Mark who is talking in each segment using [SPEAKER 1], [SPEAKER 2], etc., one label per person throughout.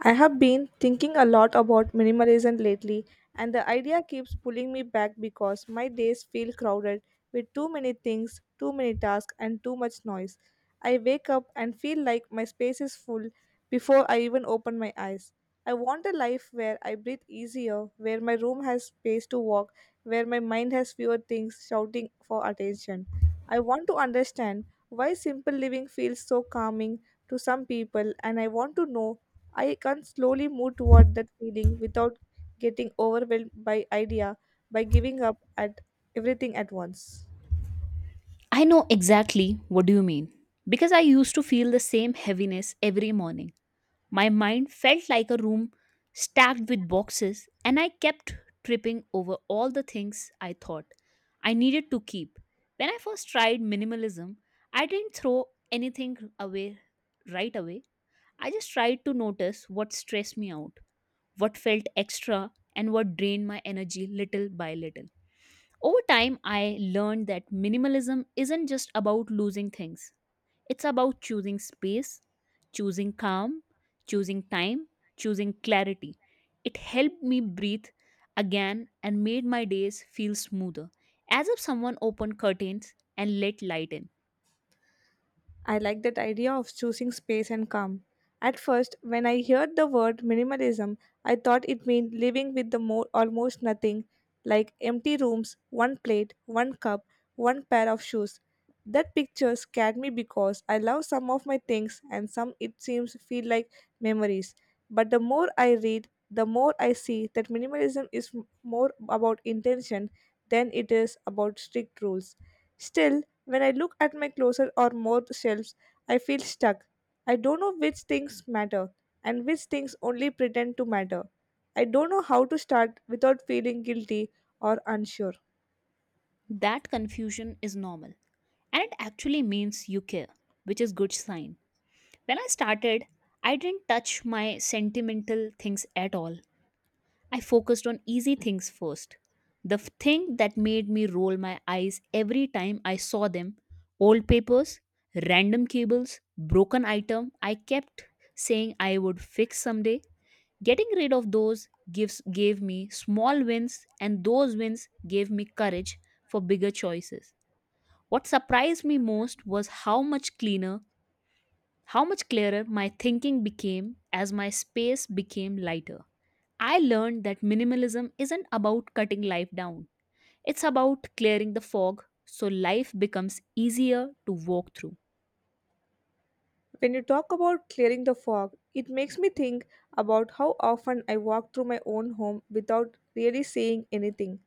[SPEAKER 1] I have been thinking a lot about minimalism lately, and the idea keeps pulling me back because my days feel crowded with too many things, too many tasks, and too much noise. I wake up and feel like my space is full before I even open my eyes. I want a life where I breathe easier, where my room has space to walk, where my mind has fewer things shouting for attention. I want to understand why simple living feels so calming to some people, and I want to know I can slowly move toward that feeling without getting overwhelmed by idea by giving up at everything at once.
[SPEAKER 2] I know exactly what do you mean because I used to feel the same heaviness every morning. My mind felt like a room stacked with boxes and I kept tripping over all the things I thought I needed to keep. When I first tried minimalism, I didn't throw anything away right away. I just tried to notice what stressed me out, what felt extra and what drained my energy little by little. Over time, I learned that minimalism isn't just about losing things, it's about choosing space, choosing calm, choosing time, choosing clarity. It helped me breathe again and made my days feel smoother, as if someone opened curtains and let light in.
[SPEAKER 1] I like that idea of choosing space and calm. At first, when I heard the word minimalism, I thought it meant living with the more almost nothing, like empty rooms, one plate, one cup, one pair of shoes. That picture scared me because I love some of my things and some it seems feel like memories. But the more I read, the more I see that minimalism is more about intention than it is about strict rules. Still, when I look at my closet or more shelves, I feel stuck. I don't know which things matter and which things only pretend to matter. I don't know how to start without feeling guilty or unsure.
[SPEAKER 2] That confusion is normal, and it actually means you care, which is good sign. When I started, I didn't touch my sentimental things at all. I focused on easy things first. The thing that made me roll my eyes every time I saw them: old papers, random cables, broken item I kept saying I would fix someday. Getting rid of those gives gave me small wins, and those wins gave me courage for bigger choices. What surprised me most was how much cleaner, how much clearer my thinking became as my space became lighter. I learned that minimalism isn't about cutting life down, it's about clearing the fog so life becomes easier to walk through.
[SPEAKER 1] When you talk about clearing the fog, it makes me think about how often I walk through my own home without really saying anything.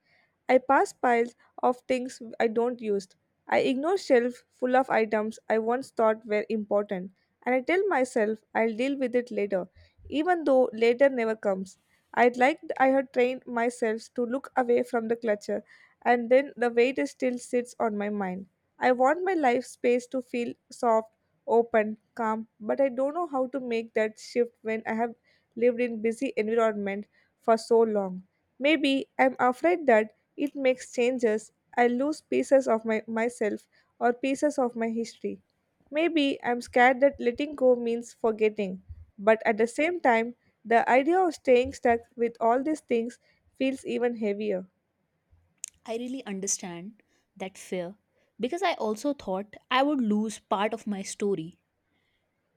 [SPEAKER 1] I pass piles of things I don't use. I ignore shelves full of items I once thought were important, and I tell myself I'll deal with it later, even though later never comes. I'd like I had trained myself to look away from the clutter, and then the weight still sits on my mind. I want my life space to feel soft open, calm, but I don't know how to make that shift when I have lived in busy environment for so long. Maybe I'm afraid that it makes changes, I lose pieces of my myself or pieces of my history. Maybe I'm scared that letting go means forgetting, but at the same time, the idea of staying stuck with all these things feels even heavier.
[SPEAKER 2] I really understand that fear because I also thought I would lose part of my story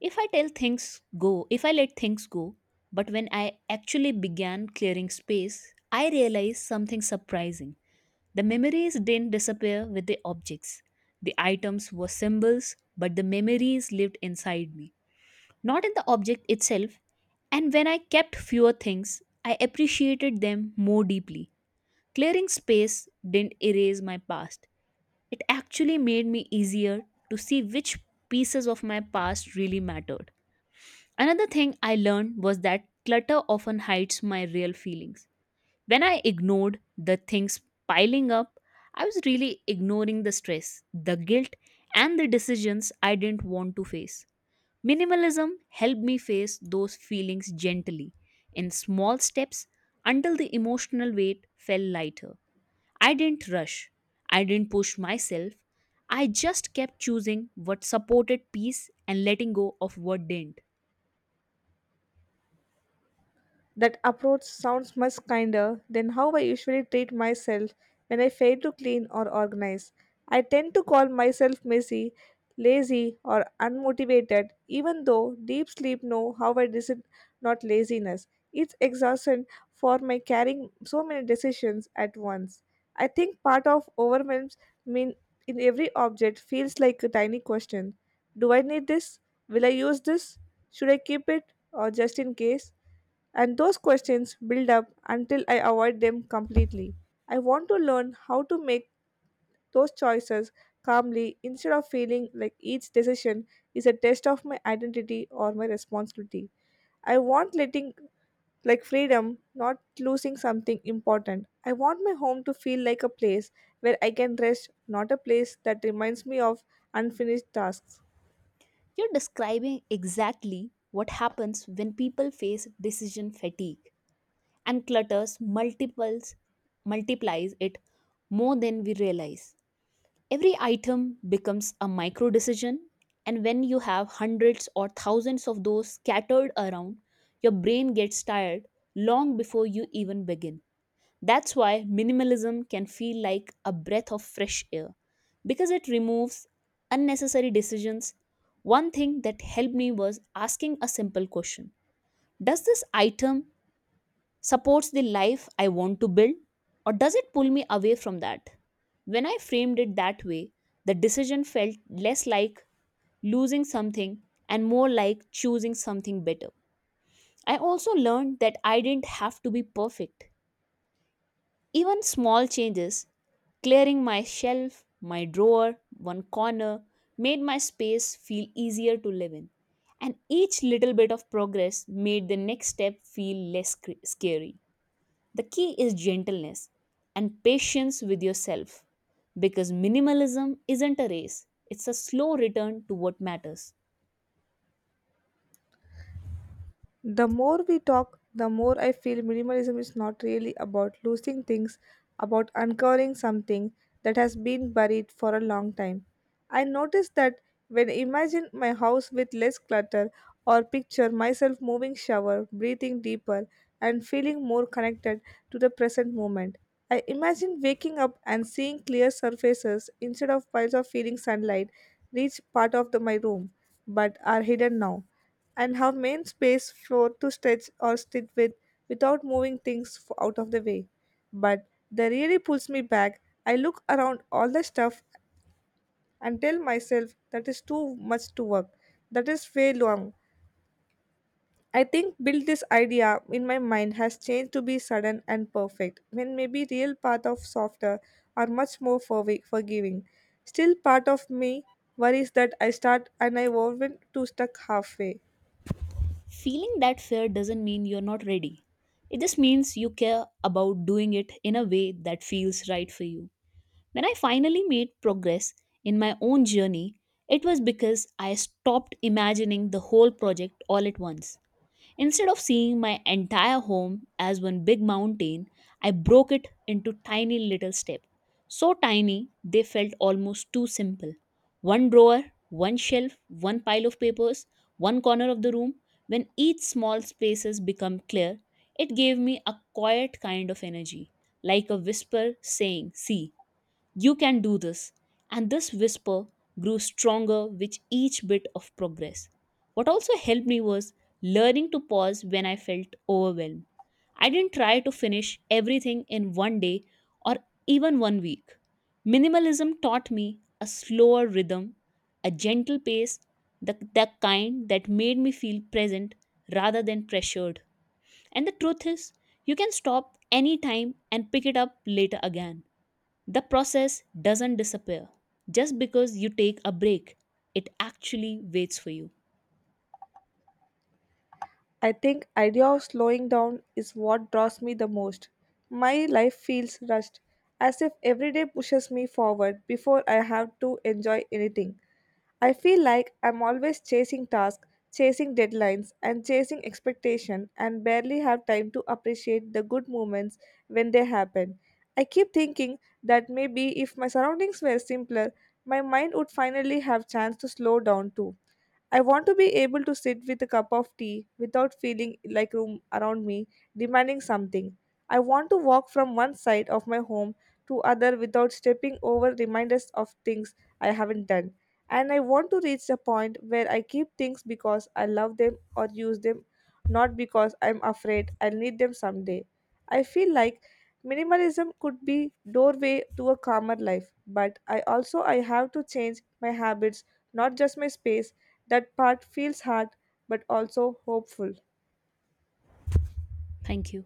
[SPEAKER 2] if I tell things go, if I let things go. But when I actually began clearing space, I realized something surprising. The memories didn't disappear with the objects. The items were symbols, but the memories lived inside me, not at the object itself, and when I kept fewer things, I appreciated them more deeply. Clearing space didn't erase my past, it actually made me easier to see which pieces of my past really mattered. Another thing I learned was that clutter often hides my real feelings. When I ignored the things piling up, I was really ignoring the stress, the guilt, and the decisions I didn't want to face. Minimalism helped me face those feelings gently, in small steps, until the emotional weight fell lighter. I didn't rush, I didn't push myself, I just kept choosing what supported peace and letting go of what didn't.
[SPEAKER 1] That approach sounds much kinder than how I usually treat myself when I fail to clean or organize. I tend to call myself messy, lazy, or unmotivated, even though deep sleep know how I it is not laziness. It's exhaustion for my carrying so many decisions at once. I think part of overwhelms mean in every object feels like a tiny question. Do I need this? Will I use this? Should I keep it or just in case? And those questions build up until I avoid them completely. I want to learn how to make those choices calmly instead of feeling like each decision is a test of my identity or my responsibility. I want letting like freedom, not losing something important. I want my home to feel like a place where I can rest, not a place that reminds me of unfinished tasks.
[SPEAKER 2] You're describing exactly what happens when people face decision fatigue, and clutters multiples multiplies it more than we realize. Every item becomes a micro decision, and when you have hundreds or thousands of those scattered around, your brain gets tired long before you even begin. That's why minimalism can feel like a breath of fresh air because it removes unnecessary decisions. One thing that helped me was asking a simple question: does this item supports the life I want to build, or does it pull me away from that? When I framed it that way, the decision felt less like losing something and more like choosing something better. I also learned that I didn't have to be perfect. Even small changes, clearing my shelf, my drawer, one corner, made my space feel easier to live in. And each little bit of progress made the next step feel less scary. The key is gentleness and patience with yourself because minimalism isn't a race, it's a slow return to what matters.
[SPEAKER 1] The more we talk, the more I feel minimalism is not really about losing things, about uncovering something that has been buried for a long time. I noticed that when I imagine my house with less clutter or picture myself moving shower, breathing deeper, and feeling more connected to the present moment. I imagine waking up and seeing clear surfaces instead of piles of feeling sunlight reach part of the, my room, but are hidden now and have main space floor to stretch or sit with without moving things out of the way. But that really pulls me back. I look around all the stuff and tell myself that is too much to work. That is way long. I think build this idea in my mind has changed to be sudden and perfect, when maybe real path of softer or much more forgiving. Still, part of me worries that I start and I won't to stuck halfway.
[SPEAKER 2] Feeling that fear doesn't mean you're not ready, it just means you care about doing it in a way that feels right for you. When I finally made progress in my own journey, it was because I stopped imagining the whole project all at once. Instead of seeing my entire home as one big mountain, I broke it into tiny little steps. So tiny, they felt almost too simple. One drawer, one shelf, one pile of papers, one corner of the room. When each small spaces become clear, it gave me a quiet kind of energy, like a whisper saying, "See, you can do this." And this whisper grew stronger with each bit of progress. What also helped me was learning to pause when I felt overwhelmed. I didn't try to finish everything in one day or even one week. Minimalism taught me a slower rhythm, a gentle pace, the kind that made me feel present rather than pressured. And the truth is, you can stop anytime and pick it up later again. The process doesn't disappear just because you take a break, it actually waits for you.
[SPEAKER 1] I think idea of slowing down is what draws me the most. My life feels rushed, as if every day pushes me forward before I have to enjoy anything. I feel like I'm always chasing tasks, chasing deadlines, and chasing expectation, and barely have time to appreciate the good moments when they happen. I keep thinking that maybe if my surroundings were simpler, my mind would finally have chance to slow down too. I want to be able to sit with a cup of tea without feeling like room around me demanding something. I want to walk from one side of my home to other without stepping over reminders of things I haven't done. And I want to reach a point where I keep things because I love them or use them, not because I'm afraid I'll need them someday. I feel like minimalism could be doorway to a calmer life, but I also I have to change my habits, not just my space that part feels hard but also hopeful.
[SPEAKER 2] Thank you.